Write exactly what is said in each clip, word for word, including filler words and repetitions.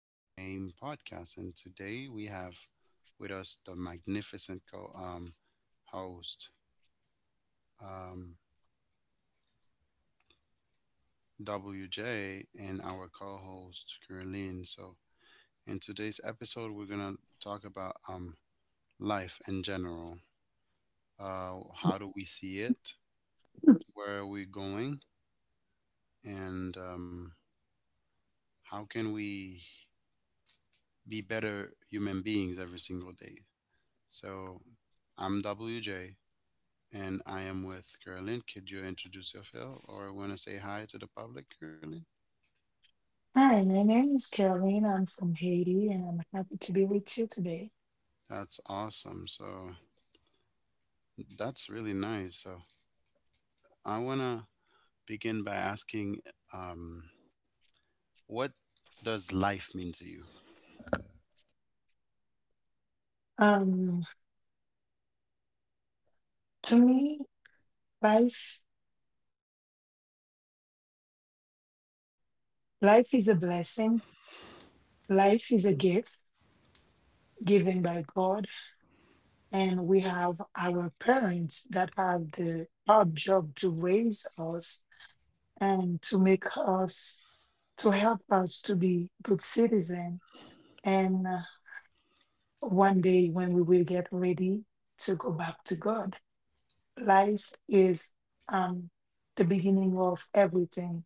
No Name podcast. And today we have with us the magnificent co um, host, um, W J, and our co host, Caroline. So, in today's episode, we're going to talk about um, life in general. Uh, how do we see it? Where are we going? And um, how can we be better human beings every single day? So, I'm W J. and I am with Carolyn. Could you introduce yourself or want to say hi to the public, Carolyn? Hi, my name is Caroline. I'm from Haiti and I'm happy to be with you today. That's awesome. So that's really nice. So I want to begin by asking, um, what does life mean to you? Um, to me, life life is a blessing. Life is a gift given by God, and we have our parents that have the hard job to raise us and to make us to help us to be good citizen. And uh, one day when we will get ready to go back to God. Life is um the beginning of everything.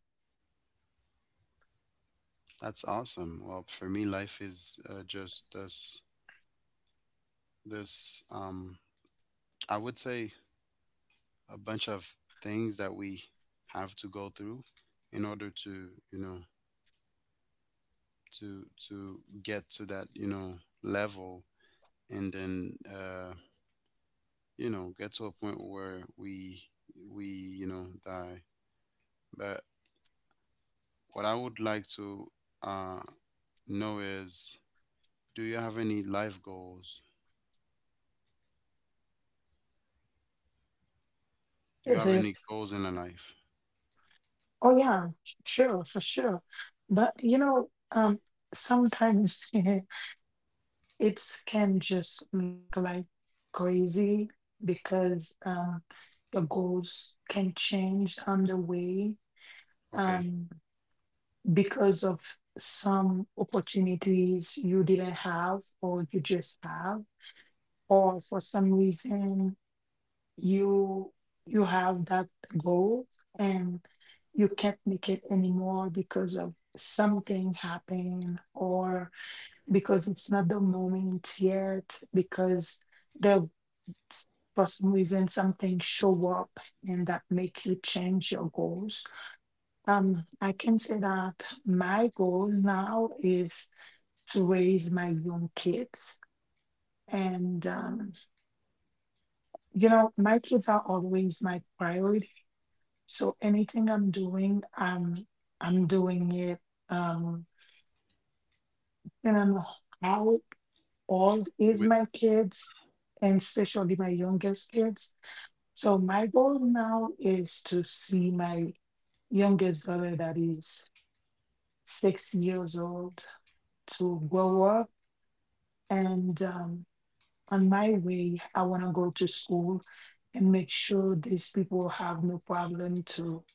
That's awesome. Well, for me, life is uh, just this, this, um, I would say a bunch of things that we have to go through in order to, you know, to, to get to that, you know, level. And then uh, you know get to a point where we we you know die. But what I would like to uh, know is, do you have any life goals? Do you Is have it? any goals in your life? Oh yeah, sure, for sure. But you know um sometimes it can just look like crazy because um the goals can change on the way, Okay. um because of some opportunities you didn't have or you just have, or for some reason you you have that goal and you can't make it anymore because of something happened, or because it's not the moment yet because the for some reason something show up and that make you change your goals. um I can say that my goal now is to raise my young kids. And um you know, my kids are always my priority. So anything I'm doing, I'm I'm doing it. Um, and I'm, how old is With my kids, and especially my youngest kids. So my goal now is to see my youngest daughter that is six years old to grow up. And um, on my way, I want to go to school and make sure these people have no problem to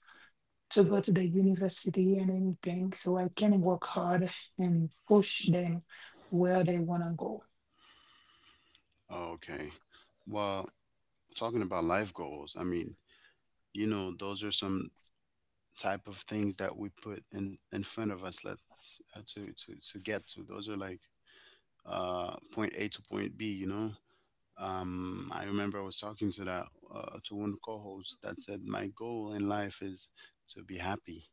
to go to the university and anything, so I can work hard and push them where they want to go. Oh, okay. Well, talking about life goals, I mean, you know, those are some type of things that we put in in front of us. Let's uh, to to to get to. Those are like uh point A to point B. You know, Um, I remember I was talking to that uh, to one co-host that said my goal in life is to be happy,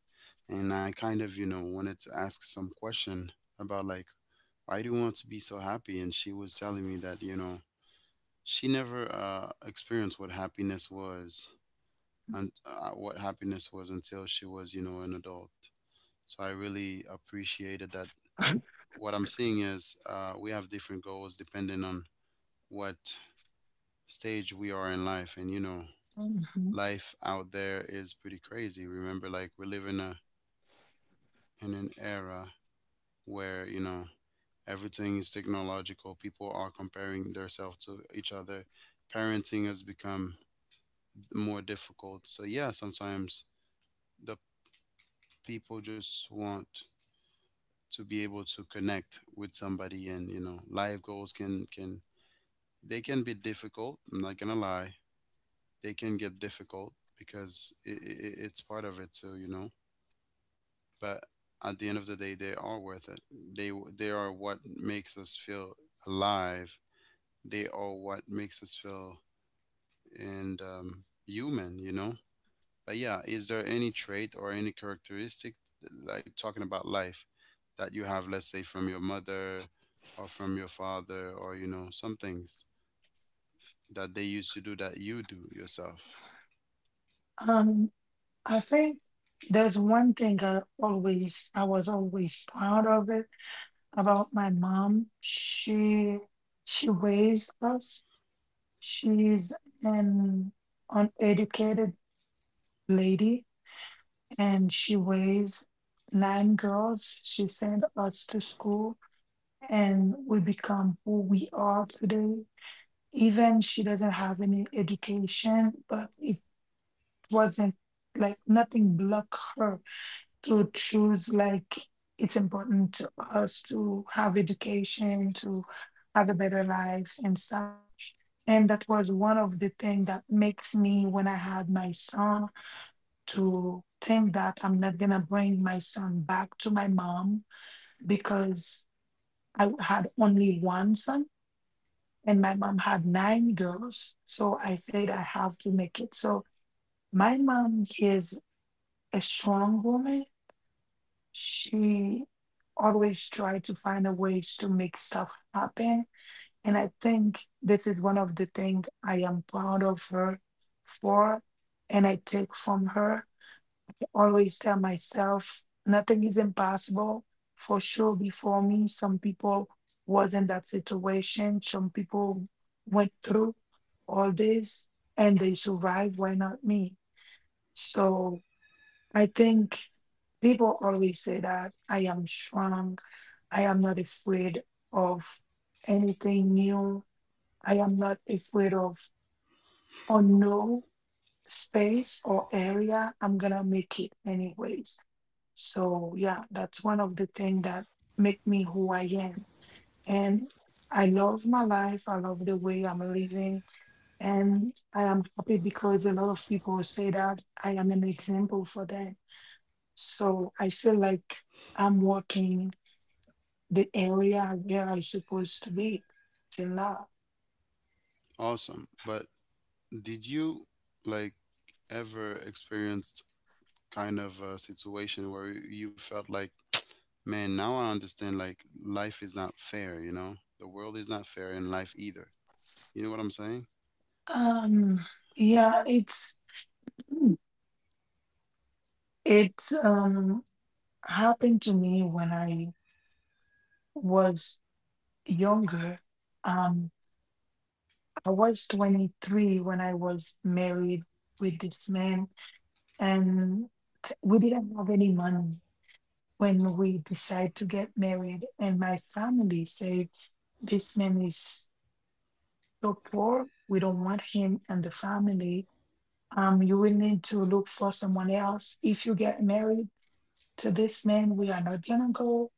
and I kind of you know wanted to ask some question about like why do you want to be so happy? And she was telling me that you know she never uh, experienced what happiness was, and uh, what happiness was until she was you know an adult. So I really appreciated that. What I'm seeing is uh, we have different goals depending on what stage we are in life, and you know Mhm. life out there is pretty crazy. Remember, like we live in a in an era where you know everything is technological. People are comparing themselves to each other. Parenting has become more difficult. So yeah, sometimes the people just want to be able to connect with somebody, and you know, life goals can can they can be difficult. I'm not gonna lie, they can get difficult because it i it's part of it. So you know, but at the end of the day they are worth it. They w- they are what makes us feel alive. They are what makes us feel, and um, human, you know. But yeah, is there any trait or any characteristic th- like talking about life that you have, let's say from your mother or from your father or you know some things that they used to do that you do yourself? Um, I think there's one thing I always, I was always proud of it about my mom. She she raised us. She's an uneducated lady, and she raised nine girls. She sent us to school and we become who we are today. Even she doesn't have any education, but it wasn't like nothing block her to choose like it's important to us to have education, to have a better life and stuff. And that was one of the things that makes me when I had my son to think that I'm not gonna bring my son back to my mom because I had only one son and my mom had nine girls. So I said, I have to make it. So my mom is a strong woman. She always tried to find a ways to make stuff happen. And I think this is one of the things I am proud of her for, and I take from her, always tell myself nothing is impossible. For sure, before me some people was in that situation, some people went through all this and they survived. Why not me? So I think people always say that I am strong, I am not afraid of anything new, I am not afraid of unknown space or area, I'm gonna make it anyways. So yeah, that's one of the things that make me who I am. And I love my life. I love the way I'm living. And I am happy because a lot of people say that I am an example for them. So I feel like I'm working the area where I'm supposed to be till now. Awesome. But did you like ever experience kind of a situation where you felt like, man, now I understand, like life is not fair, you know? The world is not fair in life either. You know what I'm saying? Um yeah, it's it's um happened to me when I was younger. um. I was twenty-three when I was married with this man, and th- we didn't have any money when we decided to get married. And my family said, this man is so poor, we don't want him and the family. Um, you will need to look for someone else. If you get married to this man, we are not gonna go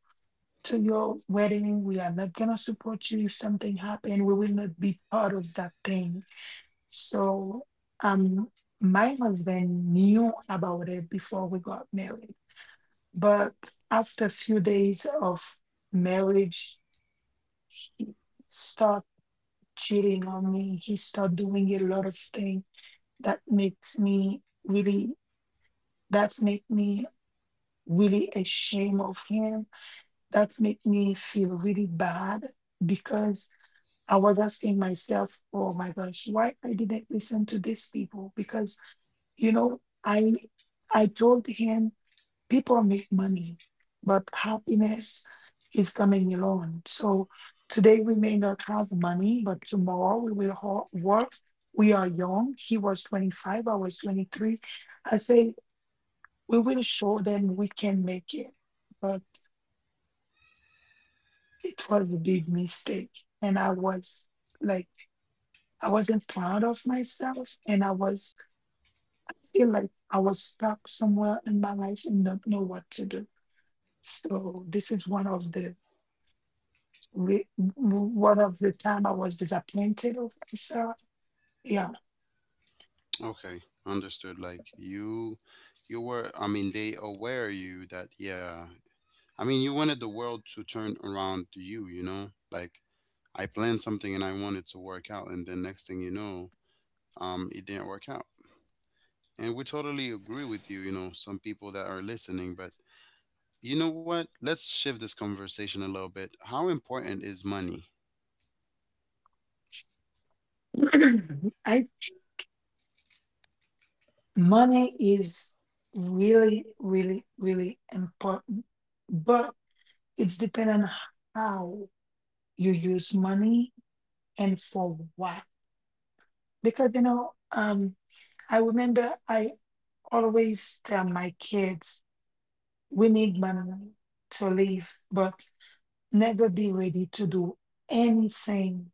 to your wedding. We are not gonna support you if something happened. We will not be part of that thing. So um my husband knew about it before we got married. But after a few days of marriage, he started cheating on me. He started doing a lot of things that makes me really, that's make me really ashamed of him. That's make me feel really bad because I was asking myself, oh my gosh, why I didn't listen to these people? Because you know i i told him people make money but happiness is coming alone. So today we may not have money but tomorrow we will ho- work. We are young, he was twenty-five, I was twenty-three. I said we will show them we can make it. But it was a big mistake, and I was like, I wasn't proud of myself, and i was I feel like I was stuck somewhere in my life and don't know what to do. So this is one of the re- one of the time I was disappointed of myself. Yeah. Okay, understood. Like you you were, I mean they aware you that. Yeah. I mean you wanted the world to turn around to you, you know? Like I planned something and I wanted to work out, and then next thing you know, um it didn't work out. And we totally agree with you, you know, some people that are listening, but you know what? Let's shift this conversation a little bit. How important is money? I Money is really, really, really important, but it's dependent on how you use money and for what. Because you know, um, I remember I always tell my kids we need money to live, but never be ready to do anything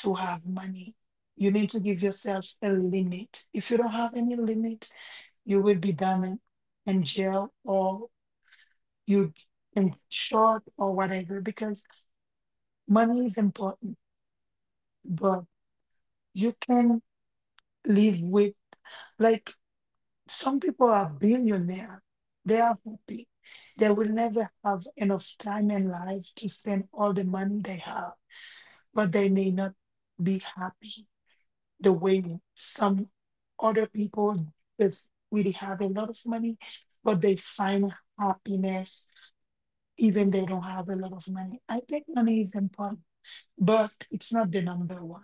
to have money. You need to give yourself a limit. If you don't have any limit, you will be down in, in jail or you in short or whatever, because money is important, but you can live with, like, some people are billionaire. They are happy. They will never have enough time in life to spend all the money they have, but they may not be happy the way some other people just really have a lot of money, but they find happiness even they don't have a lot of money. I think money is important, but it's not the number one.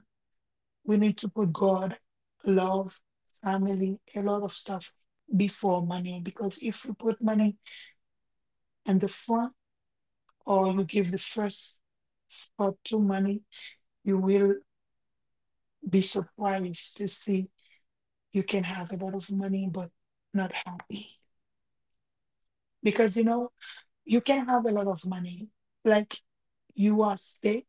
We need to put God, love, family, a lot of stuff before money, because if you put money in the front or you give the first spot to money, you will be surprised to see you can have a lot of money but not happy. Because you know, you can have a lot of money, like, you are sick,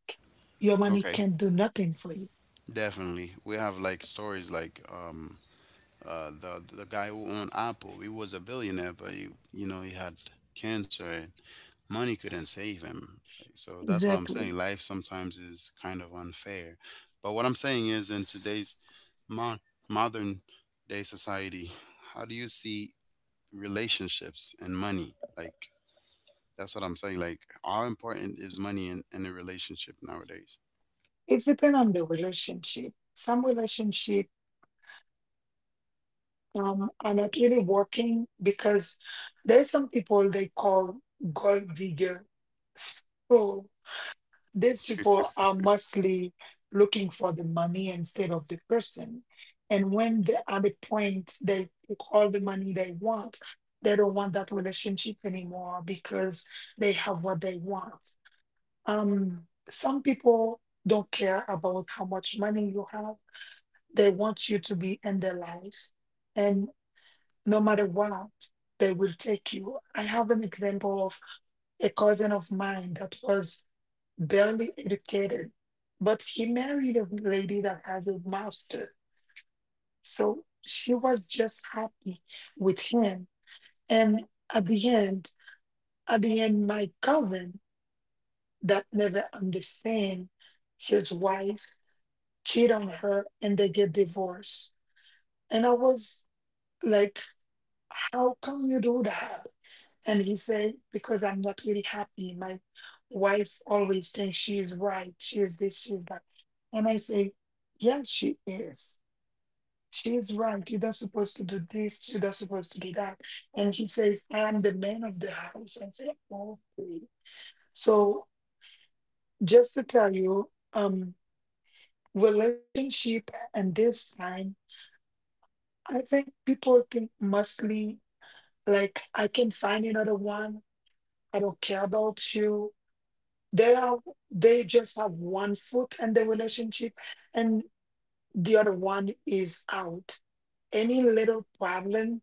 your money Okay, can do nothing for you. definitely. We have like stories like um uh the the guy who owned Apple. He was a billionaire, but he, you know he had cancer, and money couldn't save him. Like, so that's what I'm saying. Exactly. Life sometimes is kind of unfair. But what I'm saying is, in today's mo- modern day society, how do you see relationships and money? Like, that's what I'm saying. Like, how important is money in, in a relationship nowadays? It depends on the relationship. Some relationship, um, are not really working because there's some people they call gold digger. So these people are mostly looking for the money instead of the person. And when they are at the point they took all the money they want, they don't want that relationship anymore because they have what they want. Um, some people don't care about how much money you have. They want you to be in their life. And no matter what, they will take you. I have an example of a cousin of mine that was barely educated, but he married a lady that has a master. So she was just happy with him. And at the end, at the end, my cousin that never understand his wife cheat on her and they get divorced. And I was like, how can you do that? And he said, because I'm not really happy. My wife always thinks she is right. She is this, she is that. And I say, yes, she is. She is right. You're not supposed to do this. You're not supposed to do that. And he says, I am the man of the house. I say, okay. So just to tell you, um, relationship and this time, I think people think mostly like I can find another one. I don't care about you, they are, they just have one foot in the relationship and the other one is out. Any little problem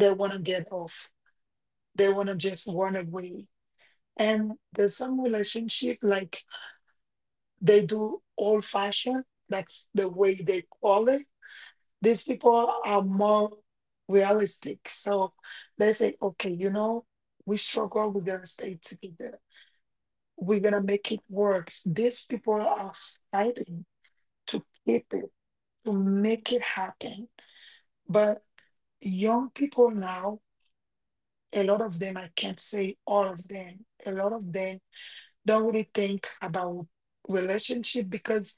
they want to get off, they want to just run away. And there's some relationship like they do old fashioned, that's the way they call it. These people are more realistic. So they say, okay, you know, we struggle, we're gonna stay together, we're gonna make it work. These people are fighting to keep it, to make it happen. But young people now, a lot of them, I can't say all of them, a lot of them don't really think about relationship because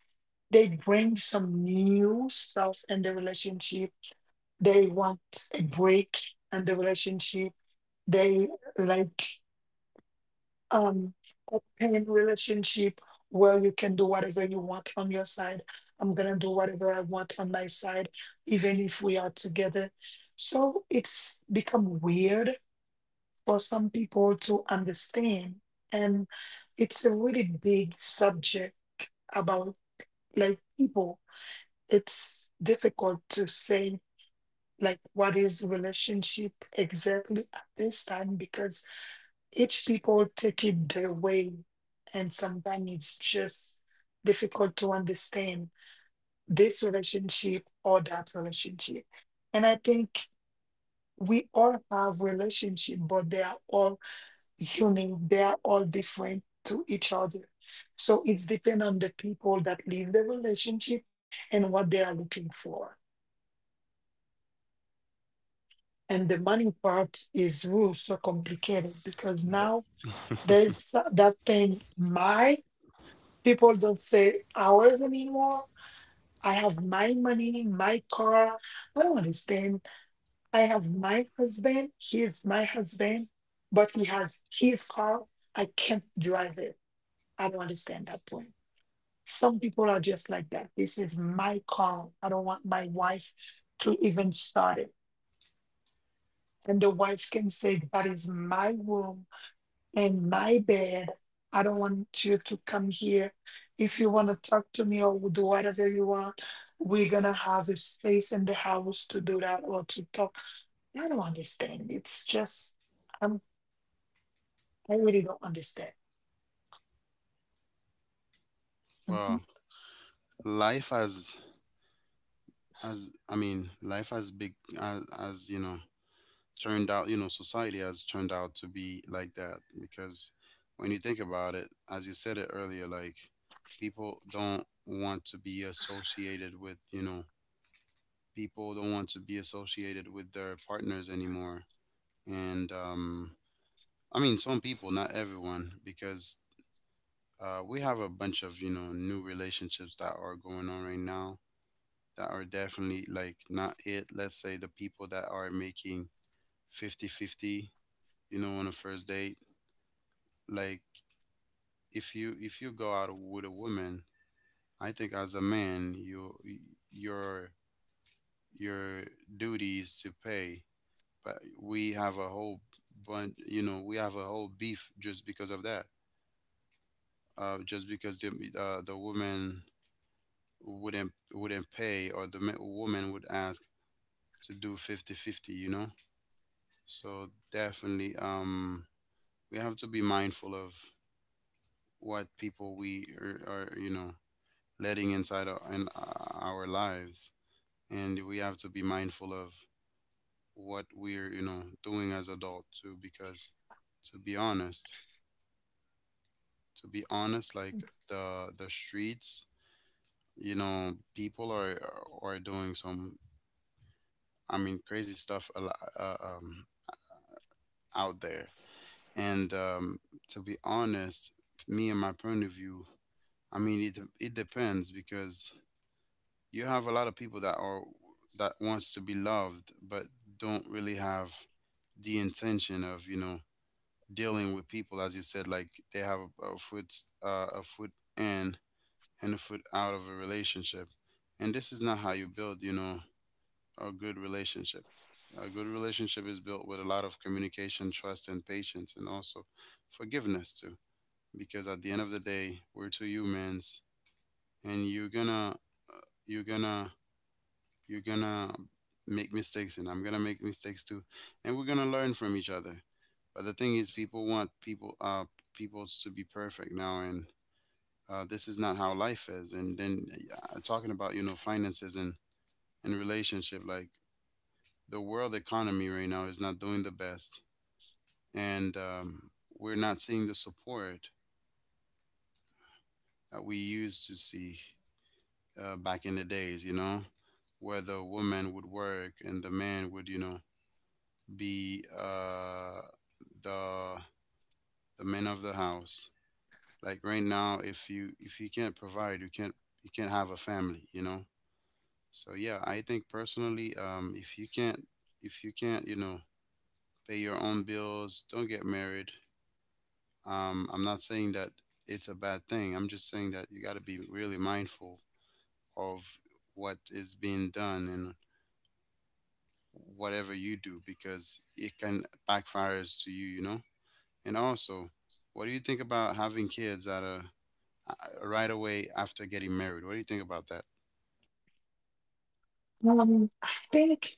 they bring some new stuff in the relationship. They want a break in the relationship. They like um open relationship where you can do whatever you want on your side. I'm gonna do whatever I want on my side, even if we are together. So it's become weird for some people to understand. And it's a really big subject about like people. It's difficult to say like what is relationship exactly at this time because each people take it their way and sometimes it's just difficult to understand this relationship or that relationship. And I think we all have relationship but they are all unique, they are all different to each other. So it's depend on the people that leave the relationship and what they are looking for. And the money part is real so complicated because The- now there's that thing, my people don't say ours anymore. I have my money, my car. I don't understand. I have my husband. He is my husband, but he has his car. I can't drive it. I don't understand that point. Some people are just like that. This is my car. I don't want my wife to even start it. And the wife can say, "That is my room, in my bed. I don't want you to come here. If you want to talk to me or do whatever you want, we're going to have a space in the house to do that or to talk." I don't understand. It's just, I'm, I really don't understand. Mhm. well, life has, as I mean, life has big, as, as you know, turned out. You know, society has turned out to be like that because when you think about it, as you said it earlier, like people don't want to be associated with you know people don't want to be associated with their partners anymore, and um, I mean, some people, not everyone, because uh, we have a bunch of you know new relationships that are going on right now that are definitely like not it. Let's say the people that are making fifty-fifty, you know on a first date. Like if you if you go out with a woman, I think as a man you your your duty is to pay. But we have a whole bunch, you know, we have a whole beef just because of that, uh, just because the uh, the woman wouldn't wouldn't pay, or the ma- woman would ask to do fifty-fifty. You know. So definitely um we have to be mindful of what people we are, are you know letting inside our, in uh, our lives. And we have to be mindful of what we're you know doing as adult too, because to be honest, to be honest like the the streets, you know, people are are doing some, I mean, crazy stuff a lot, uh, um out there. And um, to be honest, me and my point of view, I mean, it it depends, because you have a lot of people that are, that wants to be loved but don't really have the intention of you know dealing with people, as you said, like they have a, a foot uh, a foot in and a foot out of a relationship, and this is not how you build, you know, a good relationship. A good relationship is built with a lot of communication, trust, and patience, and also forgiveness too. Because at the end of the day, we're two humans, and you're gonna, uh, you're gonna, you're gonna make mistakes, and I'm gonna make mistakes too, and we're gonna learn from each other. But the thing is, people want people, uh, people to be perfect now, and uh, this is not how life is. And then uh, talking about you know finances and and relationship, like the world economy right now is not doing the best, and um, we're not seeing the support that we used to see uh, back in the days. You know, where the woman would work and the man would, you know, be uh, the the man of the house. Like right now, if you if you can't provide, you can't you can't have a family. You know. So yeah, I think personally, um, if you can't if you can't, you know, pay your own bills, don't get married. Um, I'm not saying that it's a bad thing. I'm just saying that you got to be really mindful of what is being done and whatever you do because it can backfire to you, you know? And also, what do you think about having kids at a a- right away after getting married? What do you think about that? Um, I think.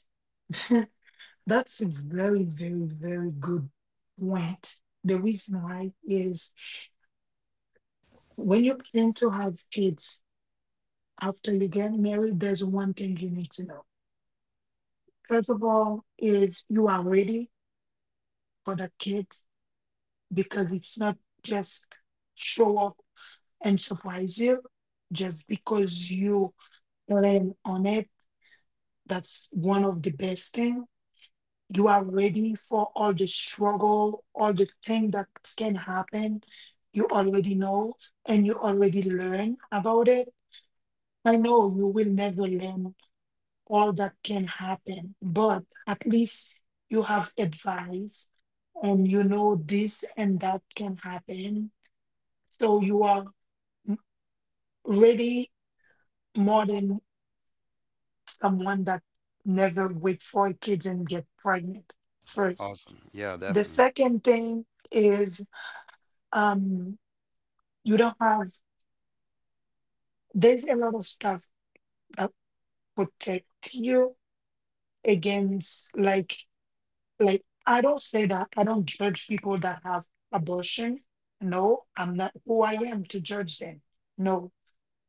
That's a very, very, very good point. The reason why is when you plan to have kids after you get married, there's one thing you need to know. First of all, is you are ready for the kids, because it's not just show up and surprise you just because you plan on it. That's one of the best thing. You are ready for all the struggle, all the thing that can happen. You already know and you already learn about it. I know you will never learn all that can happen, but at least you have advice and you know this and that can happen. So you are ready more than someone that never wait for kids and get pregnant first. Awesome. Yeah, The definitely. second thing is um. you don't have, there's a lot of stuff that protect you against, like like I don't say that, I don't judge people that have abortion. No, I'm not who I am to judge them. No.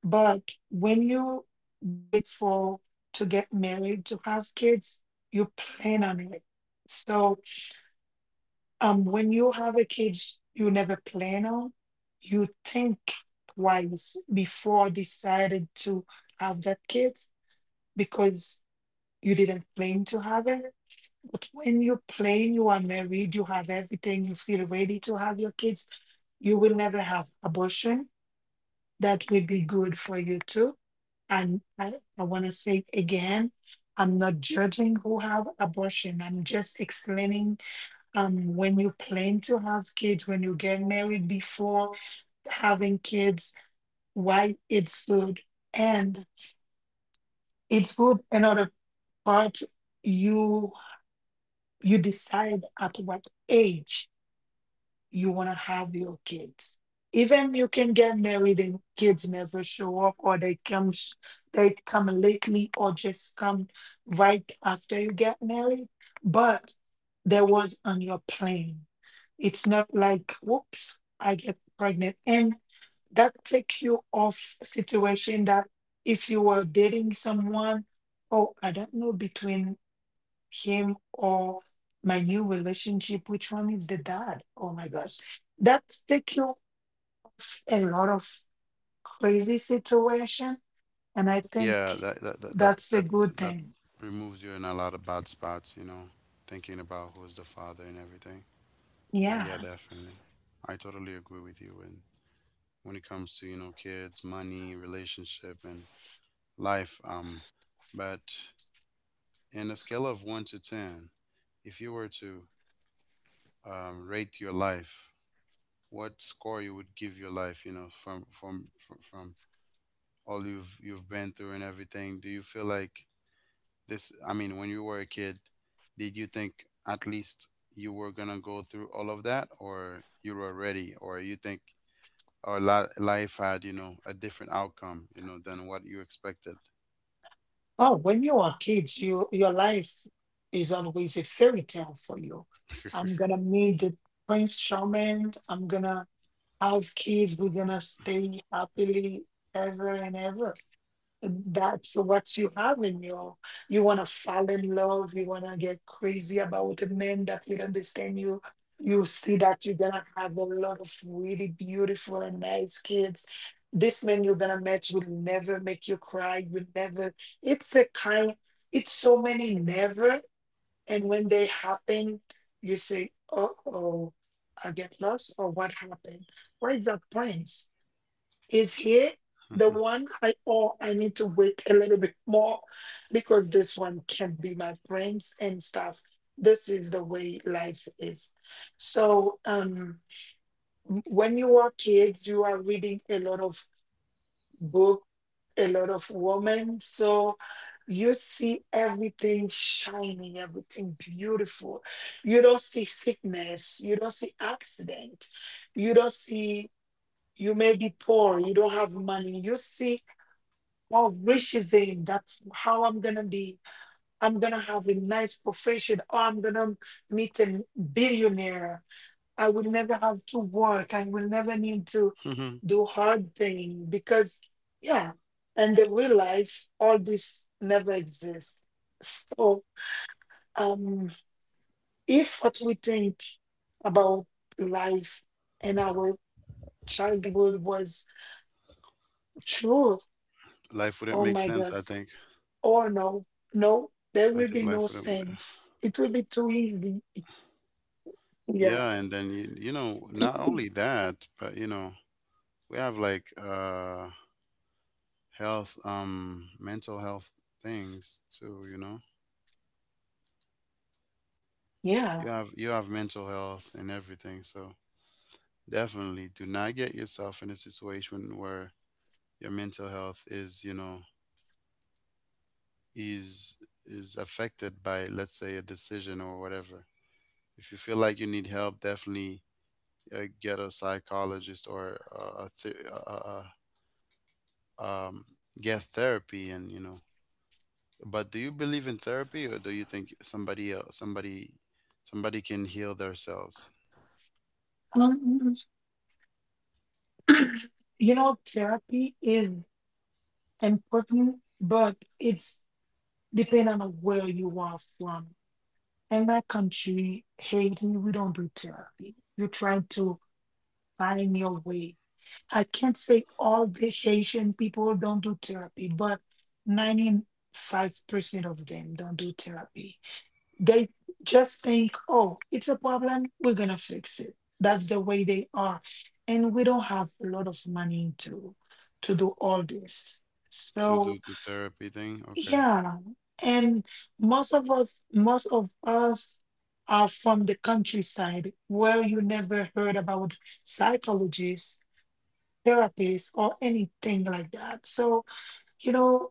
But when you wait for, to get married to have kids, you plan on it. So um when you have a kid you never plan on, you think twice before deciding to have that kid because you didn't plan to have it. But when you plan, you are married, you have everything, you feel ready to have your kids, you will never have abortion. That will be good for you too. And I, I want to say again, I'm not judging who have abortion. I'm just explaining, um, when you plan to have kids, when you get married before having kids, why it's good. And it's good in order part, you you decide at what age you want to have your kids. Even you can get married and kids never show up, or they come sh- they come lately, or just come right after you get married. But there was on your plan. It's not like whoops, I get pregnant, and that take you off situation that if you were dating someone, oh, I don't know, between him or my new relationship, which one is the dad? Oh my gosh, that take you a lot of crazy situation. And I think Yeah, that that that that that's a that, good that thing. removes you in a lot of bad spots, you know, thinking about who's the father and everything. But yeah, Yeah. definitely. I totally agree with you, and when it comes to you know kids, money, relationship, and life. Um, but in a scale of one to ten, if you were to um, rate your life, what score you would give your life? You know, from from from, from all you've you've been through and everything. Do you feel like this? I mean, when you were a kid, did you think at least you were gonna go through all of that, or you were ready, or you think our li- life had you know a different outcome, you know, than what you expected? Oh, when you are kids, you, your life is always a fairy tale for you. I'm gonna meet the prince charming, I'm gonna have kids, we're gonna stay happily ever and ever. That's what you have in you. You want to fall in love. You want to get crazy about a man that will understand you. You see that you're going to have a lot of really beautiful and nice kids. This man you're going to meet will never make you cry. Will never. It's a kind, it's so many never. And when they happen, you say, oh, oh, I get lost, or what happened? Where is that prince? Is here the one I, or I need to wait a little bit more because this one can be my brains and stuff. This is the way life is. So um w- when you are kids, you are reading a lot of book, a lot of women. So you see everything shining, everything beautiful. You don't see sickness, you don't see accident, you don't see, you may be poor, you don't have money. You see all riches in. That's how I'm gonna be. I'm gonna have a nice profession. Or I'm gonna meet a billionaire. I will never have to work. I will never need to do hard thing because yeah. And the real life, all this never exists. So um if what we think about life and our childhood was true, Life wouldn't oh make my sense, I gosh. think. Oh no, no, there I will think be no life wouldn't. sense. It will be too easy. Yeah, Yeah, and then you, you know not only that, but you know we have like uh health, um mental health things too you know you yeah. have you have mental health and everything. So definitely do not get yourself in a situation where your mental health is you know is is affected by, let's say, a decision or whatever. If you feel like you need help, definitely, uh, get a psychologist or uh, a th- uh, uh, um, get therapy and you know but do you believe in therapy, or do you think somebody else somebody somebody can heal themselves? Um, you know, therapy is important, but it's depending on where you are from. In my country, Haiti, we don't do therapy. You're trying to find your way. I can't say all the Haitian people don't do therapy, but ninety-five percent of them don't do therapy. They just think, oh, it's a problem, we're going to fix it. That's the way they are. And we don't have a lot of money to to do all this. To So, do the therapy thing, okay. yeah. And most of us most of us are from the countryside where you never heard about psychologists, therapists or anything like that. So, you know,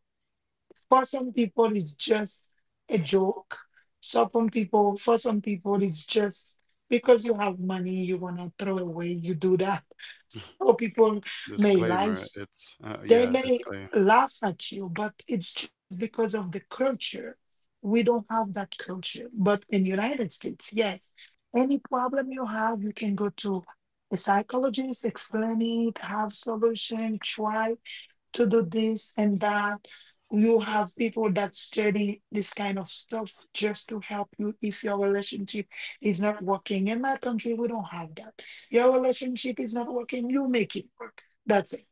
for some people it's just a joke. So some people, for some people, it's just because you have money you want to throw away, you do that. So people may Disclaimer, laugh, it's uh, they yeah, may disclaimer. laugh at you, but it's just because of the culture. We don't have that culture, but in United States, yes, any problem you have you can go to a psychologist, explain it, have solution, try to do this and that. You have people that study this kind of stuff just to help you if your relationship is not working. In my country, we don't have that. Your relationship is not working, you make it work. That's it.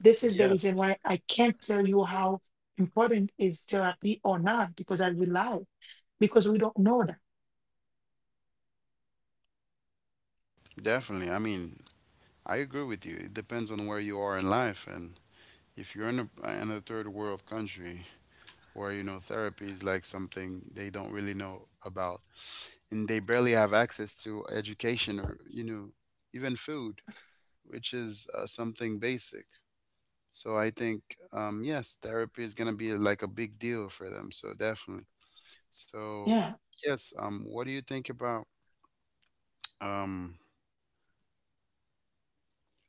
This is the reason Yes, why I can't tell you how important is therapy or not because I rely, because we don't know that. definitely, I mean, I agree with you. It depends on where you are in life, and if you're in a, in a third world country where you know therapy is like something they don't really know about, and they barely have access to education, or you know even food, which is uh, something basic. So I think, um, yes, therapy is going to be like a big deal for them, so definitely. So, Yeah. yes, um, what do you think about, um,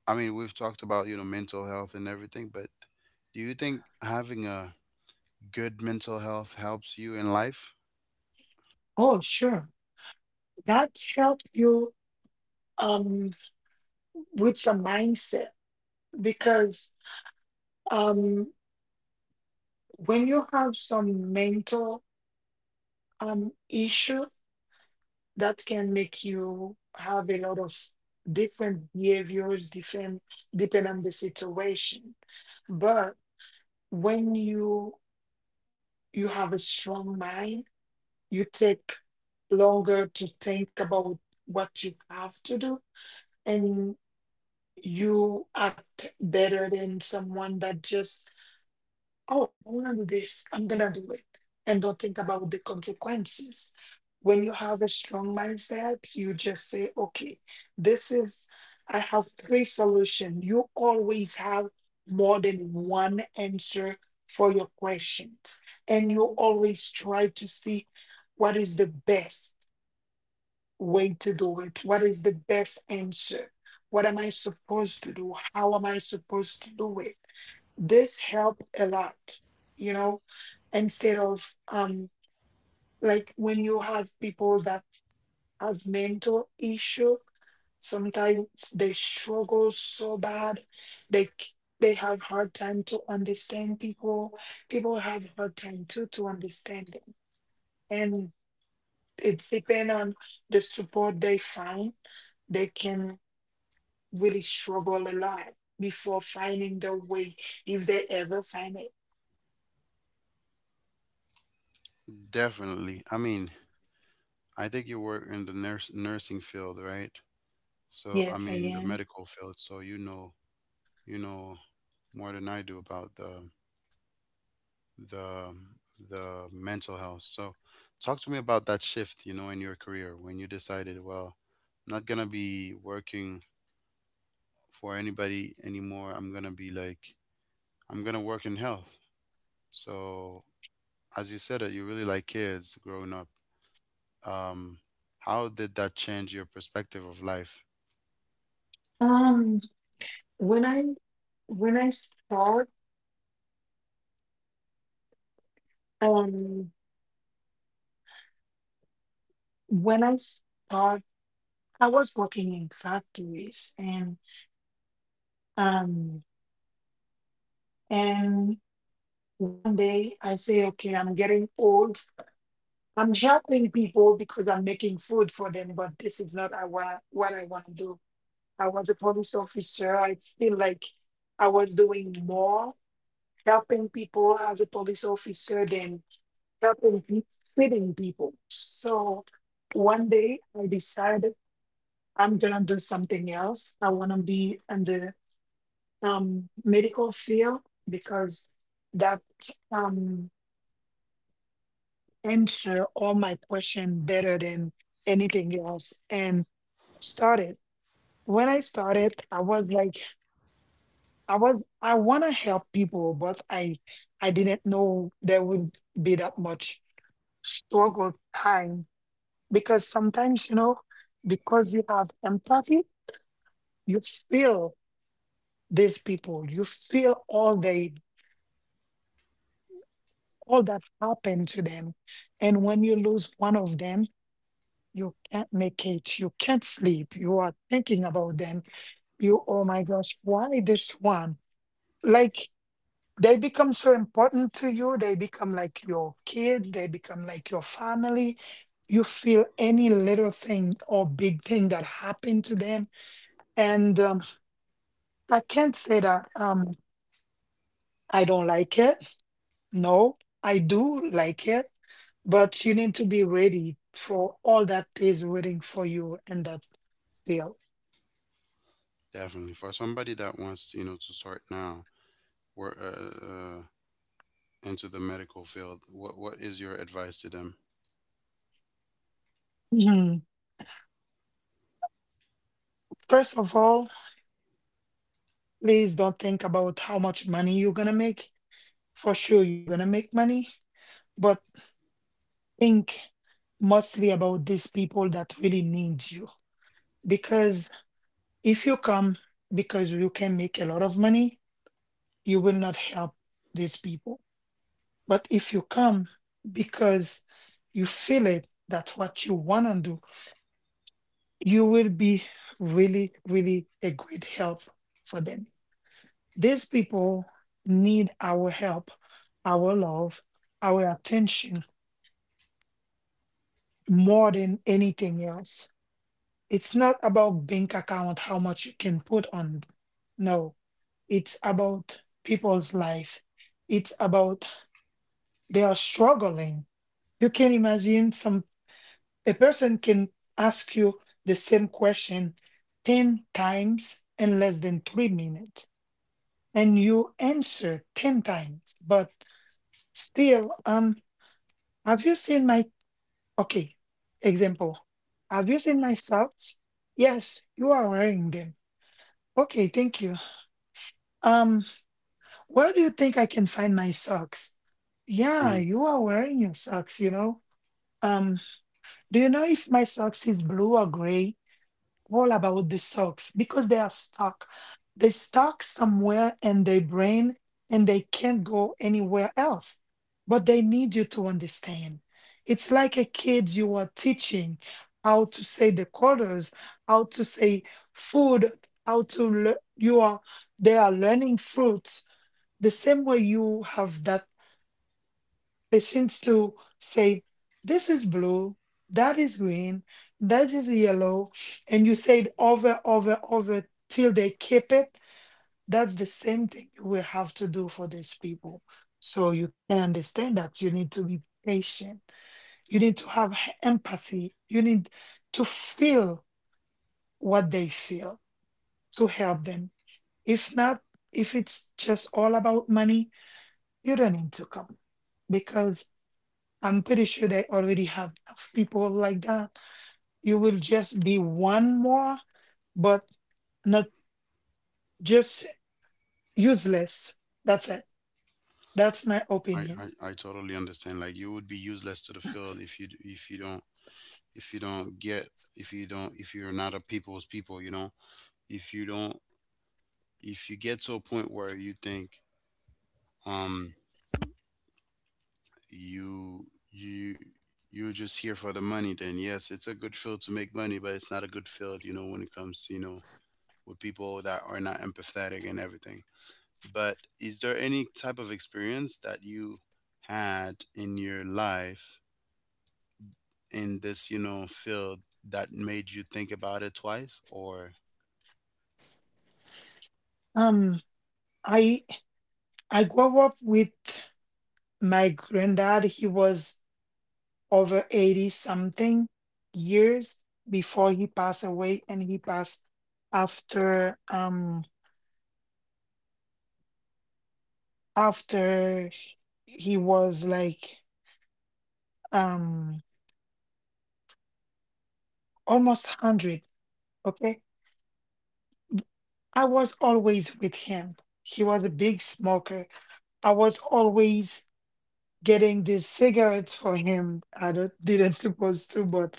I mean, we've talked about you know mental health and everything, but do you think having a good mental health helps you in life? Oh, sure. That's helped you, um, with your mindset because, um, when you have some mental um issue, that can make you have a lot of different behaviors, different depend on the situation. But when you you have a strong mind, you take longer to think about what you have to do, and you act better than someone that just, oh, I'm gonna do this, I'm gonna do it, and don't think about the consequences. When you have a strong mindset, you just say, okay, this is, I have three solutions. You always have more than one answer for your questions, and you always try to see what is the best way to do it? What is the best answer? What am I supposed to do? How am I supposed to do it? This help a lot, you know, instead of um like when you have people that has mental issue, sometimes they struggle so bad, they c- they have hard time to understand people. People have hard time too to understand them. It's depend on the support they find. They can really struggle a lot before finding the way if they ever find it. Definitely. I mean, I think you work in the nurse, nursing field, right? So I Yes, I mean the am. medical field. So you know you know more than I do about the the the mental health. So talk to me about that shift, you know, in your career when you decided, well, I'm not gonna be working for anybody anymore. I'm gonna be like, I'm gonna work in health. So as you said, that you really like kids growing up. Um how did that change your perspective of life? Um, when I when I start, um, when I start, I was working in factories, and um, and one day I say, okay, I'm getting old. I'm helping people because I'm making food for them, but this is not I- what I- what I want to do. I was a police officer. I feel like I was doing more helping people as a police officer than helping pe- feeding people. So one day I decided I'm gonna do something else. I wanna be in the um, medical field because that, um, answer all my question better than anything else. And started when I started, I was like, I was I want to help people, but I I didn't know there would be that much struggle time, because sometimes you know, because you have empathy, you feel these people, you feel all they, all that happened to them, and when you lose one of them, you can't make it, you can't sleep, you are thinking about them. You, oh my gosh, why this one? Like they become so important to you, they become like your kids, they become like your family. You feel any little thing or big thing that happened to them. And um, I can't say that, um, I don't like it. No, I do like it. But you need to be ready for all that is waiting for you in that field. Definitely. For somebody that wants, you know, to start now, where uh, uh, into the medical field, what what is your advice to them? Mhm. First of all, please don't think about how much money you're gonna make. For sure, you're gonna make money, but think mostly about these people that really need you. Because if you come because you can make a lot of money, you will not help these people. But if you come because you feel it, that's what you want to do, you will be really, really a great help for them. These people need our help, our love, our attention more than anything else. It's not about bank account how much you can put on. No, it's about people's life. It's about they are struggling. You can imagine some a person can ask you the same question ten times in less than three minutes, and you answer ten times but still um have you seen my, okay, example, have you seen my socks? Yes, you are wearing them. Okay, thank you. Um, where do you think I can find my socks? Yeah, Mhm. you are wearing your socks, you know. Um, do you know if my socks is blue or gray? All about the socks because they are stuck. They stuck somewhere in their brain and they can't go anywhere else. But they need you to understand. It's like a kid you are teaching how to say the quarters, how to say food, how to learn. You are they are learning fruits the same way you have that patience to say, this is blue, that is green, that is yellow, and you say it over, over, over till they keep it. That's the same thing you will have to do for these people. So you can understand that you need to be patient. You need to have h- empathy. You need to feel what they feel to help them. If not, if it's just all about money, you don't need to come because. I'm pretty sure they already have enough people like that. You will just be one more, but not just useless. That's it. That's my I, opinion. I, I totally understand. Like you would be useless to the field if you d- if you don't if you don't get, if you don't if you're not a people's people. You know if you don't if you get to a point where you think um you you you're just here for the money. Then yes, it's a good field to make money, but it's not a good field. You know when it comes to you know with people that are not empathetic and everything. But is there any type of experience that you had in your life in this, you know, field that made you think about it twice? Or, Um, I I grew up with my granddad. He was over eighty something years before he passed away, and he passed after um after he was like um almost one hundred, okay? I was always with him. He was a big smoker. I was always getting these cigarettes for him. I don't, didn't suppose to, but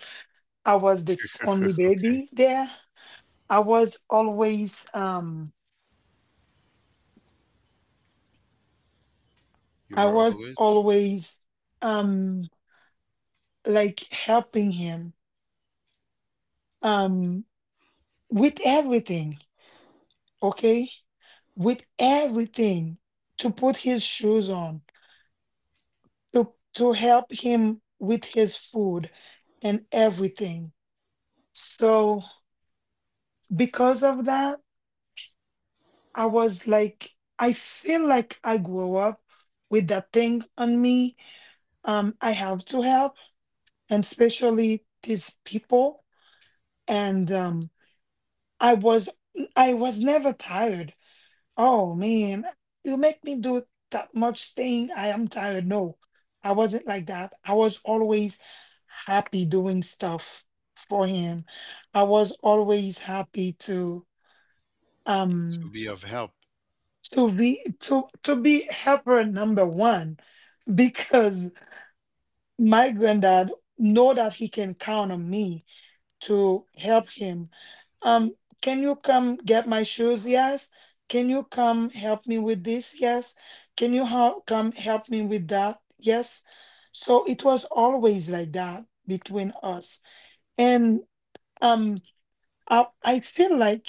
I was the only okay, baby there. I was always, um, you I were was always always, um, like helping him, um, with everything. Okay, with everything, to put his shoes on, to to help him with his food and everything. So because of that, I was like, I feel like I grew up with that thing on me. Um, I have to help, and especially these people. And um, I was I was never tired. Oh man, you make me do that much thing. I am tired. No, I wasn't like that. I was always happy doing stuff for him. I was always happy to um to be of help. to be to to be helper number one because my granddad know that he can count on me to help him. Um, can you come get my shoes? Yes. Can you come help me with this? Yes. Can you help come help me with that? Yes. So it was always like that between us. And um I, I feel like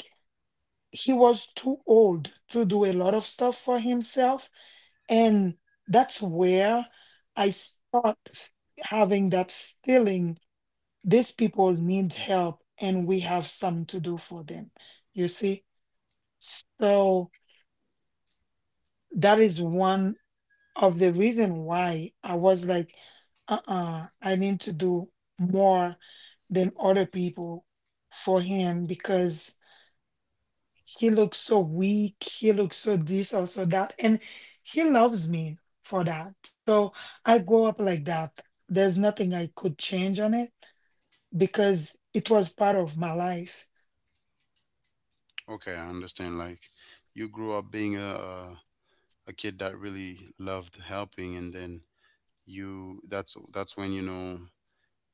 he was too old to do a lot of stuff for himself. And that's where I start f- having that feeling these people need help and we have some to do for them. You see? So that is one of the reason why I was like, uh-uh, I need to do more than other people for him because he looks so weak, he looks so this or so that, and he loves me for that. So I grow up like that. There's nothing I could change on it because it was part of my life. Okay, I understand. Like you grew up being a, a, a kid that really loved helping, and then you that's that's when you know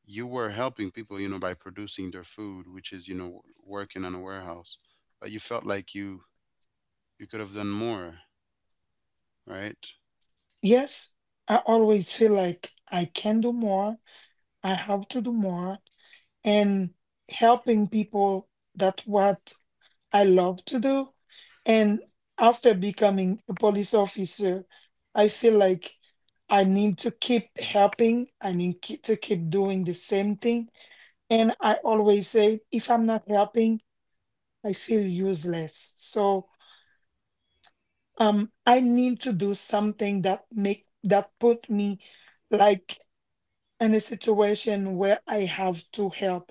you were helping people, you know, by producing their food, which is you know working in a warehouse. But you felt like you you could have done more. Right? Yes, I always feel like I can do more, I have to do more, and helping people, that's what I love to do. And after becoming a police officer, I feel like I need to keep helping. I need keep, to keep doing the same thing. And I always say if I'm not helping, I feel useless. So um I need to do something that make that put me like in a situation where I have to help.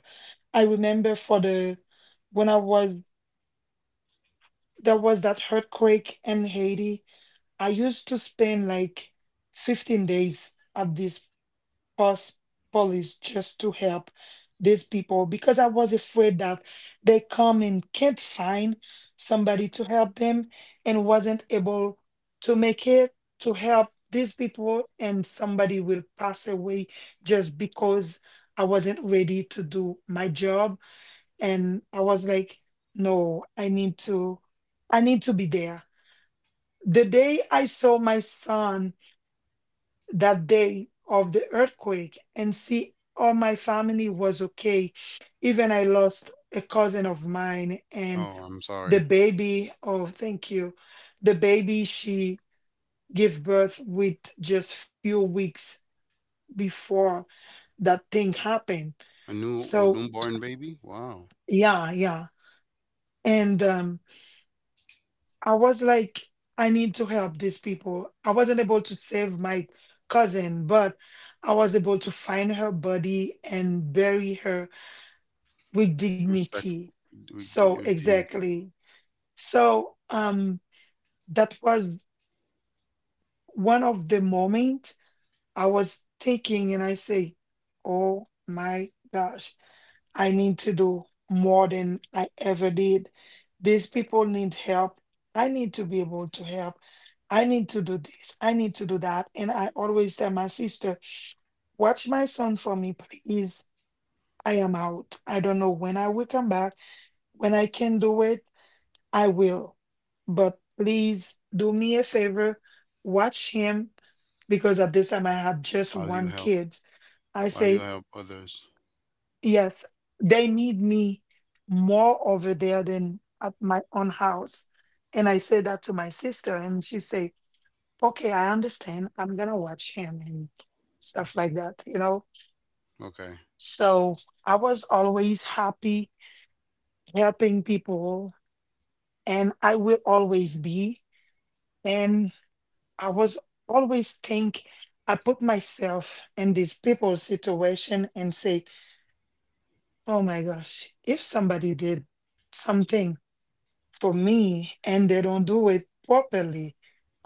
I remember for the when I was there was that earthquake in Haiti. I used to spend like fifteen days at this police just to help these people because I was afraid that they come and can't find somebody to help them and wasn't able to make it to help these people and somebody will pass away just because I wasn't ready to do my job. And I was like, no, I need to I need to be there the day I saw my son, that day of the earthquake, and see all my family was okay. Even I lost a cousin of mine and Oh, I'm the sorry. baby, oh, thank you. The baby she gave birth with just few weeks before that thing happened. A new or So, newborn baby? Wow. yeah, yeah. And um, I was like, I need to help these people. I wasn't able to save my cousin, but I was able to find her body and bury her with Respect. dignity. We, d- So We dignity. exactly. So um that was one of the moment I was thinking and I say, oh my gosh, I need to do more than I ever did. These people need help. I need to be able to help. I need to do this. I need to do that. And I always tell my sister, watch my son for me, please. I am out. I don't know when I will come back, when I can do it I will. But please do me a favor, watch him because at this time I had just While you one help, kid. I while you say, help others. yes, they need me more over there than at my own house. And I say that to my sister, and she say, okay, I understand. I'm gonna watch him and stuff like that, you know? Okay. So I was always happy helping people, and I will always be. And I was always think I put myself in these people's situation and say, oh my gosh, if somebody did something for me and they don't do it properly,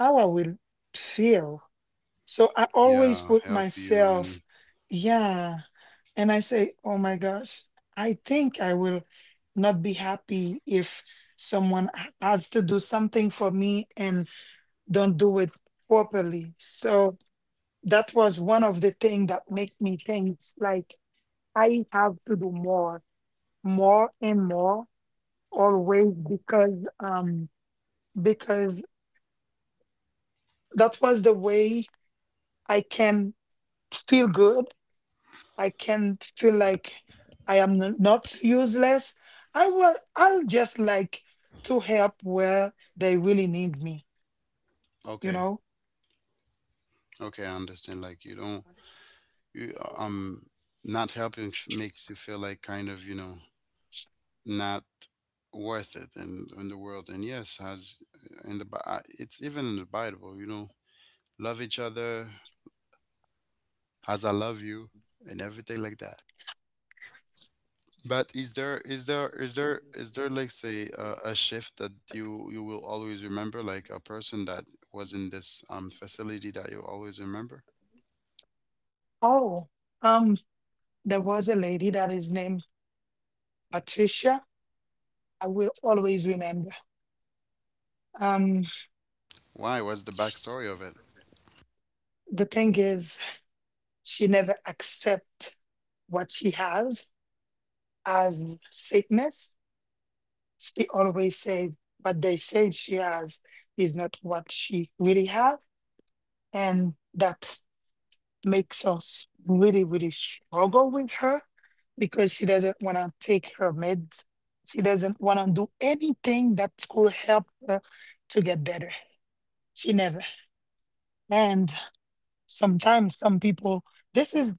how I will feel. So I always Yeah, put help you myself, and yeah. And I say, oh my gosh, I think I will not be happy if someone has to do something for me and don't do it properly. So that was one of the things that make me think like I have to do more, more and more always because um because that was the way I can feel good. I can feel like I am n- not useless. I will I'll just like to help where they really need me, you okay, know? okay, I understand. Like you don't, you, um, not helping, f- makes you feel like, kind of, you know not worth it in in the world. And yes, has, in the Bi- I- it's even in the Bible. You know, love each other as I love you, and everything like that. But is there is there is there is there like, say, uh, a shift that you you will always remember, like a person that was in this um facility that you always remember? Oh, um, there was a lady that is named Patricia. I will always remember. Um, Why? What's the sh- backstory of it? the thing is, she never accept what she has as sickness. She always say what they say she has is not what she really have, and that makes us really, really struggle with her because she doesn't want to take her meds. She doesn't want to do anything that could help her to get better. She never. And sometimes some people, this is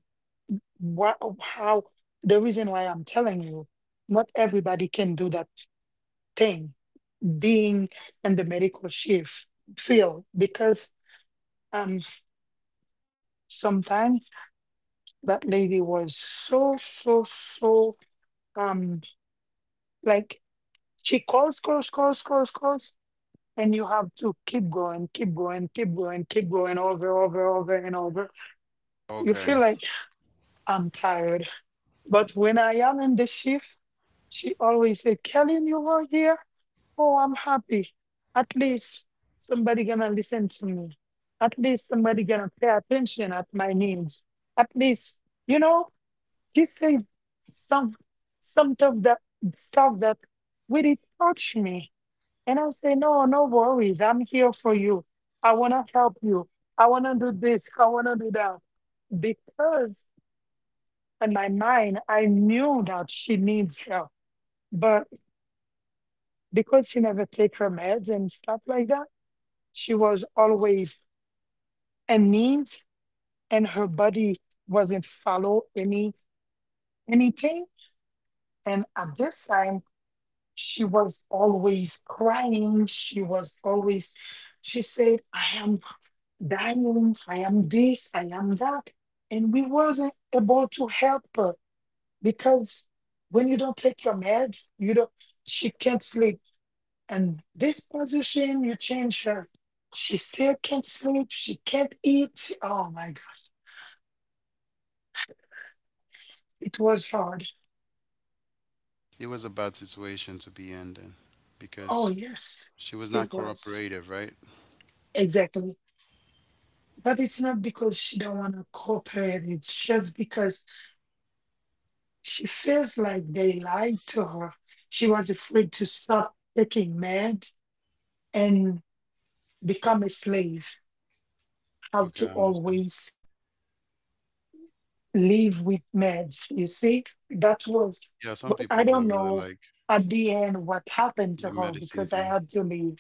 what how the reason why I'm telling you, not everybody can do that thing, being in the medical shift field, because um sometimes that lady was so so so um like she calls, calls, calls, calls, calls, and you have to keep going, keep going, keep going, keep going over, over, over and over. You feel Okay, like I'm tired. But when I am in the shift, she always said, Kelly, you were here. Oh, I'm happy. At least somebody gonna listen to me. At least somebody gonna pay attention at my needs. At least, you know, she said some some of that stuff that really touched me. And I'll say, no, no worries. I'm here for you. I wanna help you. I wanna do this. I wanna do that. Because in my mind, I knew that she needs help. But because she never take her meds and stuff like that, she was always anemic and her body wasn't follow any anything. And at this time, she was always crying. She was always, she said, I am dying, I am this, I am that. And we wasn't able to help her because when you don't take your meds, you don't she can't sleep and this position you change her she still can't sleep she can't eat she- oh my gosh, it was hard. it was a bad situation to be in then, Oh because yes, she was it not was cooperative, right? exactly. But it's not because she don't want to cooperate, it's just because she feels like they lied to her. She was afraid to stop taking meds and become a slave, have Okay, to I understand. always live with meds. You see, that was, Yeah, some but I people don't don't really know like at the end what happened to the her medicine because I thing. had to leave.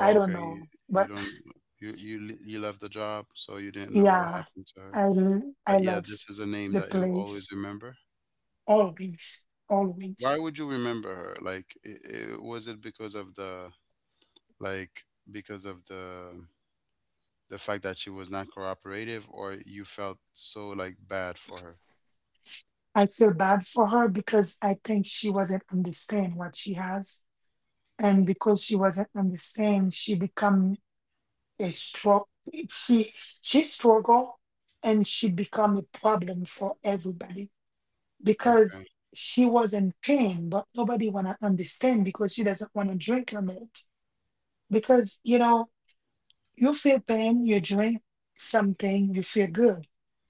I don't okay, you, know, you but don't, you you le- you left the job, so you didn't know what yeah, happened to her. I l- I But yeah, left this is a name the that you always place remember. always, always. Why would you remember her? Like, i i was, it, because of the, like because of the the fact that she was not cooperative, or you felt so like bad for her? I feel bad for her because I think she wasn't understand what she has, and because she wasn't understand, she become a stroke. She she struggle, and she become a problem for everybody because Okay, she was in pain, but nobody wanna understand because she doesn't wanna drink on it. Because you know, you feel pain, you drink something, you feel good.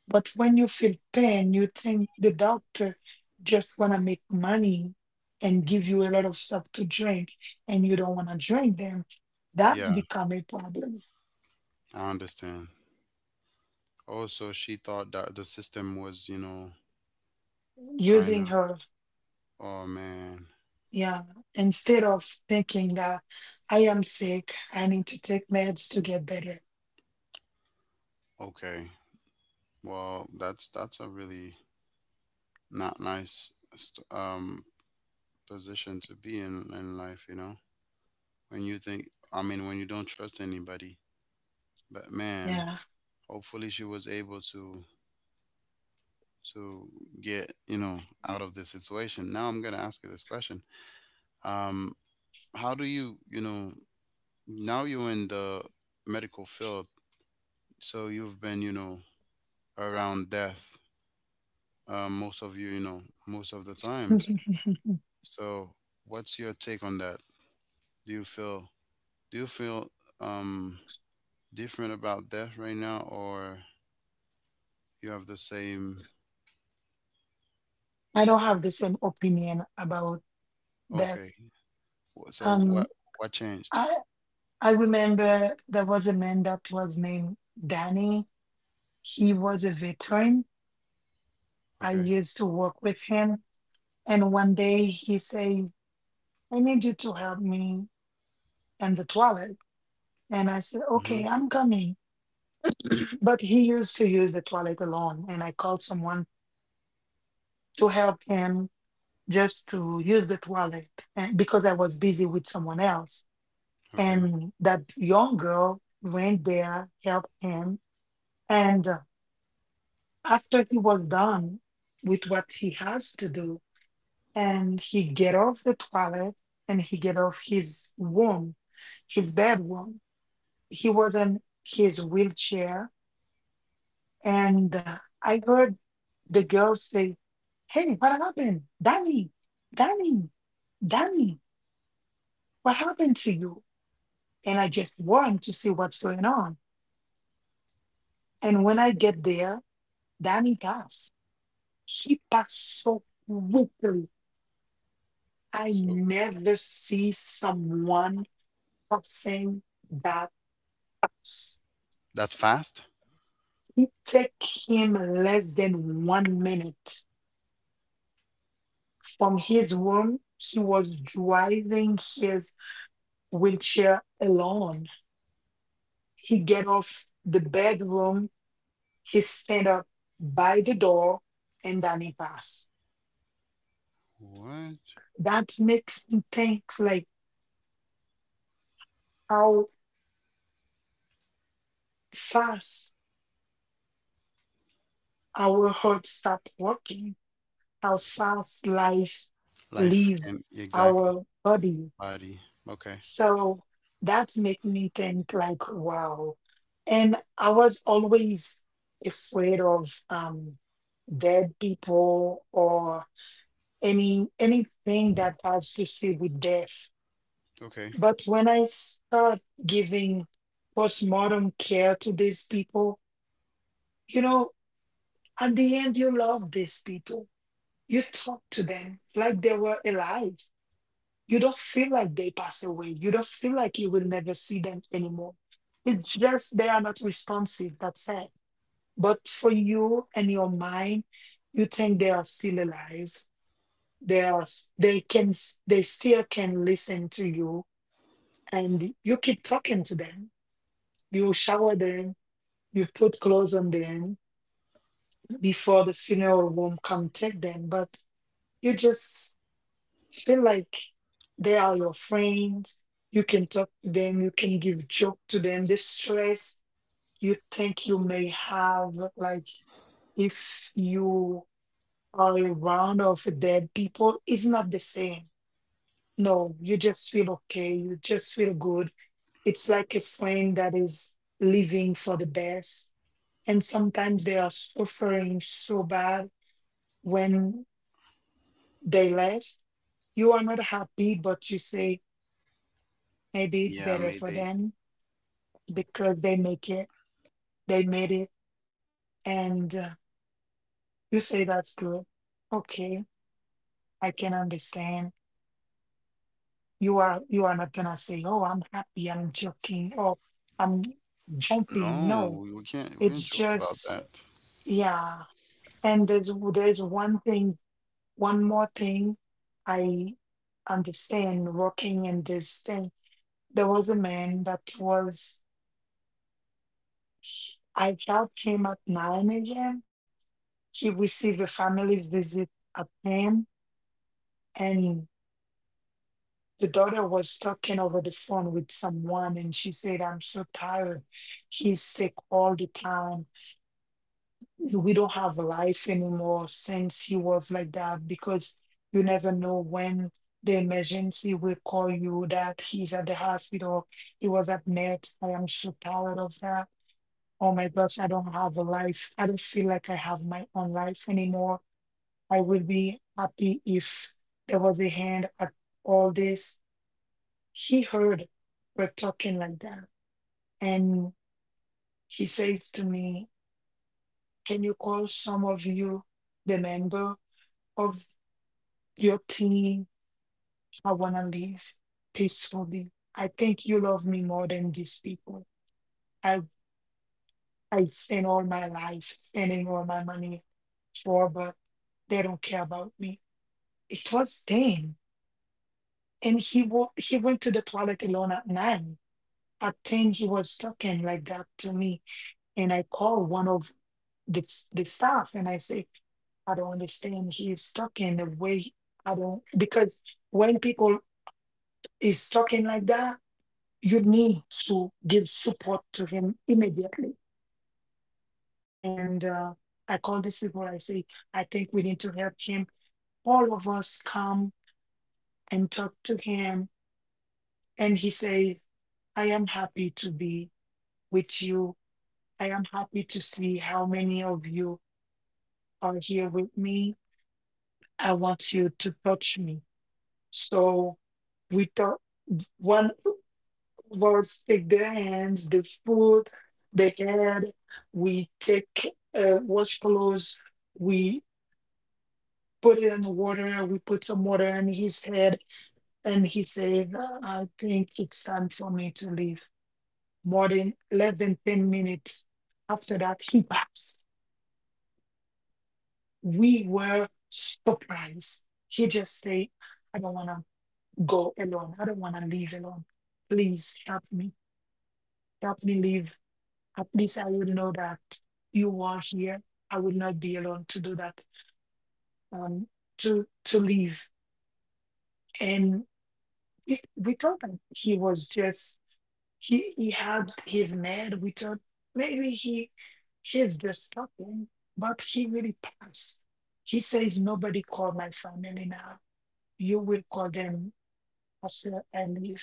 But when you feel pain, you think the doctor just wanna make money and give you a lot of stuff to drink and you don't wanna drink them. That's yeah, become a problem. I understand. Also, she thought that the system was, you know, kind Using of. her, Oh man. yeah, instead of thinking that I am sick, I need to take meds to get better. Okay. Well, that's that's a really not nice, st- um position to be in in life, you know. When you think, I mean, when you don't trust anybody. But man, Yeah. hopefully she was able to to get you know out of this situation. Now I'm going to ask you this question. Um how do you you know Now you're in the medical field, so you've been, you know around death, uh, most of you you know most of the times. So what's your take on that? Do you feel, do you feel um different about death right now, or you have the same? I don't have the same opinion about that. Okay, wh- so Um, what what changed? I I remember there was a man that was named Danny. He was a veteran. I Okay. used to work with him, and one day he said, "I need you to help me in the toilet." And I said, Hmm. "Okay, I'm coming." But he used to use the toilet alone, and I called someone to help him just to use the toilet, and because I was busy with someone else Okay. and that young girl went there, helped him. And uh, After he was done with what he has to do, and he get off the toilet and he get off his room, his bedroom, he was in his wheelchair. And uh, I heard the girl say, "Hey, what happened? Danny, Danny, Danny, what happened to you?" And I just run to see what's going on. And when I get there, Danny Gas, he passed so quickly. I So never see someone passing that fast. that fast? It took him less than one minute. From his room, he was driving his wheelchair alone. He get off the bedroom, he stand up by the door, and Danny pass. What? That makes me think like how fast our hearts stop working, how fast life Life leave can, exactly, our body. body. Okay. So that make me think like, wow. And I was always afraid of um, dead people or any anything that has to do with death. Okay. But when I start giving postmortem care to these people, you know, at the end you love these people. You talk to them like they were alive. You don't feel like they pass away. You don't feel like you will never see them anymore. It's just they are not responsive, that's it. But for you and your mind, you think they are still alive. They are s- they can s- they still can listen to you and you keep talking to them. You shower them, you put clothes on them before the funeral home come take them, but you just feel like they are your friends. You can talk to them. You can give joke to them. The stress you think you may have, like if you are around of dead people, is not the same. No, you just feel okay. You just feel good. It's like a friend that is living for the best. And sometimes they are suffering so bad when they left. You are not happy, but you say, maybe it's Yeah, better for Mayday. them because they make it they made it and uh, you say that's good. Okay, I can understand. You are you are not gonna say, "Oh, I'm happy, I'm joking. Oh, I'm jumping." No, No, we can't we can't it's joke about just, that. yeah. And there's there's one thing one more thing I understand working in this thing. There was a man that was, I helped him at nine a.m. He received a family visit at home, and the daughter was talking over the phone with someone, and she said, "I'm so tired. He's sick all the time. We don't have a life anymore since he was like that because you never know when the emergency will call you that he's at the hospital. He was at Mets. I am so tired of that. Oh my gosh, I don't have a life. I don't feel like I have my own life anymore. I will be happy if there was a hand at all this." He heard we're talking like that. And he says to me, "Can you call some of you, the member of your team? I want to leave peacefully. I think you love me more than these people. I, I spent all my life spending all my money for, but they don't care about me." It was then. And he, wa- he went to the toilet alone at nine. I think he was talking like that to me. And I called one of the, the staff and I say, "I don't understand. He is talking the way I don't because when people is talking like that, you need to give support to him immediately." And uh, I call these people. I say, "I think we need to help him. All of us come and talk to him," and he says, "I am happy to be with you. I am happy to see how many of you are here with me. I want you to touch me." So we thought one was take the hands, the foot, the head. We take uh, wash clothes. We put it in the water. We put some water in his head, and he said, "I think it's time for me to leave." More than less than ten minutes after that, he passed. We were surprised. He just said, "I don't want to go alone. I don't want to leave alone. Please help me. Help me leave. At least I would know that you are here. I would not be alone to do that, um, to to leave." And we, we thought that he was just, he he had his mad. We thought maybe he he's just talking, but he really passed. He says, "Nobody call my family now. You will call them after I leave,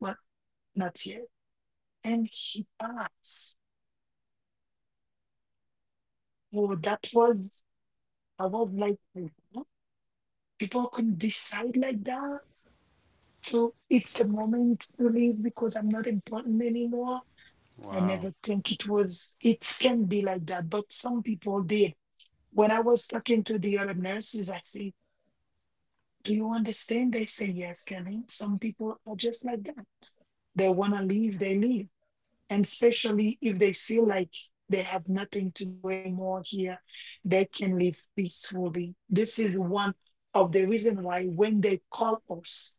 but not yet." And he passed. So that was, I was like, "What? People could decide like that. So it's the moment to leave because I'm not important anymore." I Wow. never think it was, it can be like that, but some people did. When I was talking to the other nurses, I say, "Do you understand?" They say, "Yes, Kelly. Some people are just like that. They want to leave, they leave." And especially if they feel like they have nothing to do anymore here, they can live peacefully. This is one of the reason why when they call us,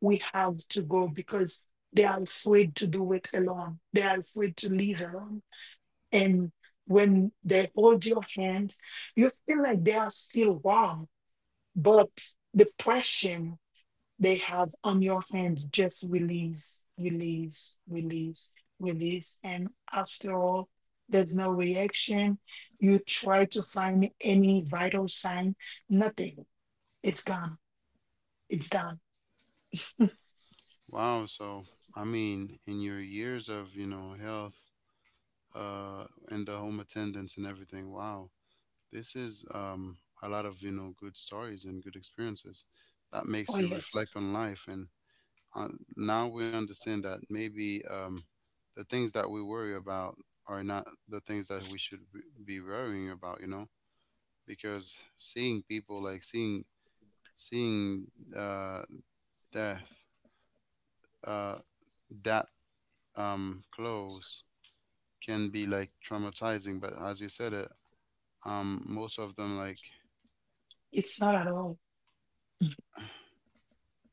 we have to go because they are afraid to do it alone, they are afraid to leave alone. And when they hold your hand, you feel like they are still wrong, but depression they have on your hands just release, release, release, release, and after all, there's no reaction. You try to find any vital sign. Nothing. It's gone. It's done. Wow. So I mean, in your years of, you know, health, uh, and the home attendance and everything, wow. This is um a lot of, you know, good stories and good experiences. That makes Oh you yes. reflect on life, and uh, now we understand that maybe, um, the things that we worry about are not the things that we should b- be worrying about, you know because seeing people, like, seeing seeing, uh, death, uh, that, um, close, can be like traumatizing. But as you said it, um, most of them, like, It's not at all.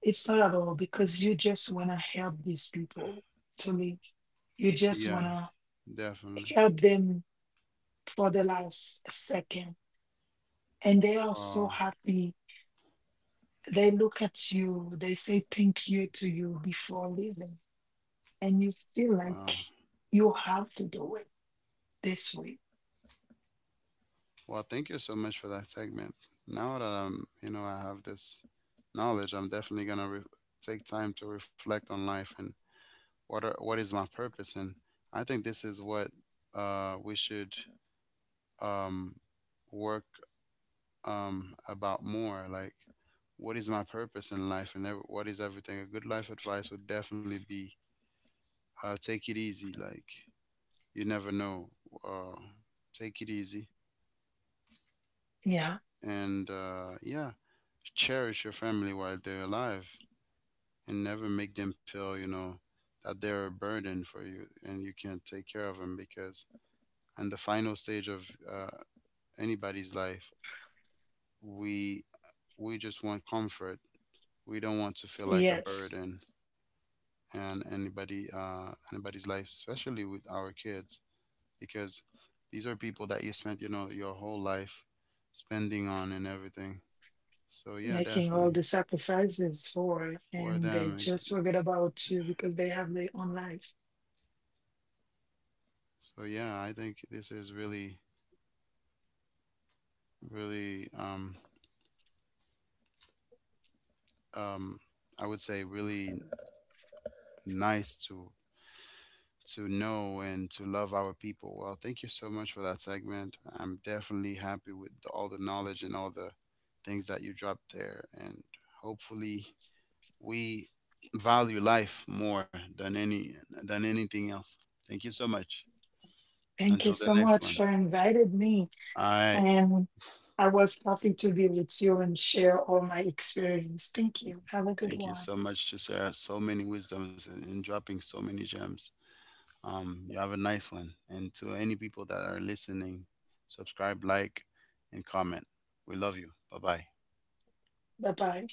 It's not at all because you just want to help these people to live. You just yeah, want to definitely. help them for the last second, and they are so Wow. happy. They look at you, they say thank you to you before leaving, and you feel Wow. like you have to do it this way. Well, thank you so much for that segment. Now that I'm, you know, I have this knowledge, I'm definitely gonna re- take time to reflect on life, and what are, what is my purpose. And I think this is what uh, we should, um, work, um, about more. Like, what is my purpose in life, and ev- what is everything? A good life advice would definitely be uh, take it easy. Like, you never know. Uh, Take it easy, Yeah. and uh, yeah, cherish your family while they're alive, and never make them feel, you know that they're a burden for you, and you can't take care of them, because in the final stage of uh, anybody's life, we we just want comfort. We don't want to feel like a Yes. burden, and anybody, uh, anybody's life, especially with our kids, because these are people that you spent, you know your whole life spending on and everything. So yeah, Making all definitely. the sacrifices for it, For and they them. just forget about you because they have their own life. So yeah, I think this is really, really, um, um, I would say really nice to to know and to love our people. Well, thank you so much for that segment. I'm definitely happy with the, all the knowledge and all the things that you dropped there, and hopefully we value life more than any than anything else. Thank you so much. Thank you Until the so next much one. for inviting me. All right. And I was happy to be with you and share all my experience. Thank you. Have a good Thank you one. so much to share so many wisdoms and and dropping so many gems. Um, you have a nice one. And to any people that are listening, subscribe, like, and comment. We love you. Bye bye. Bye bye.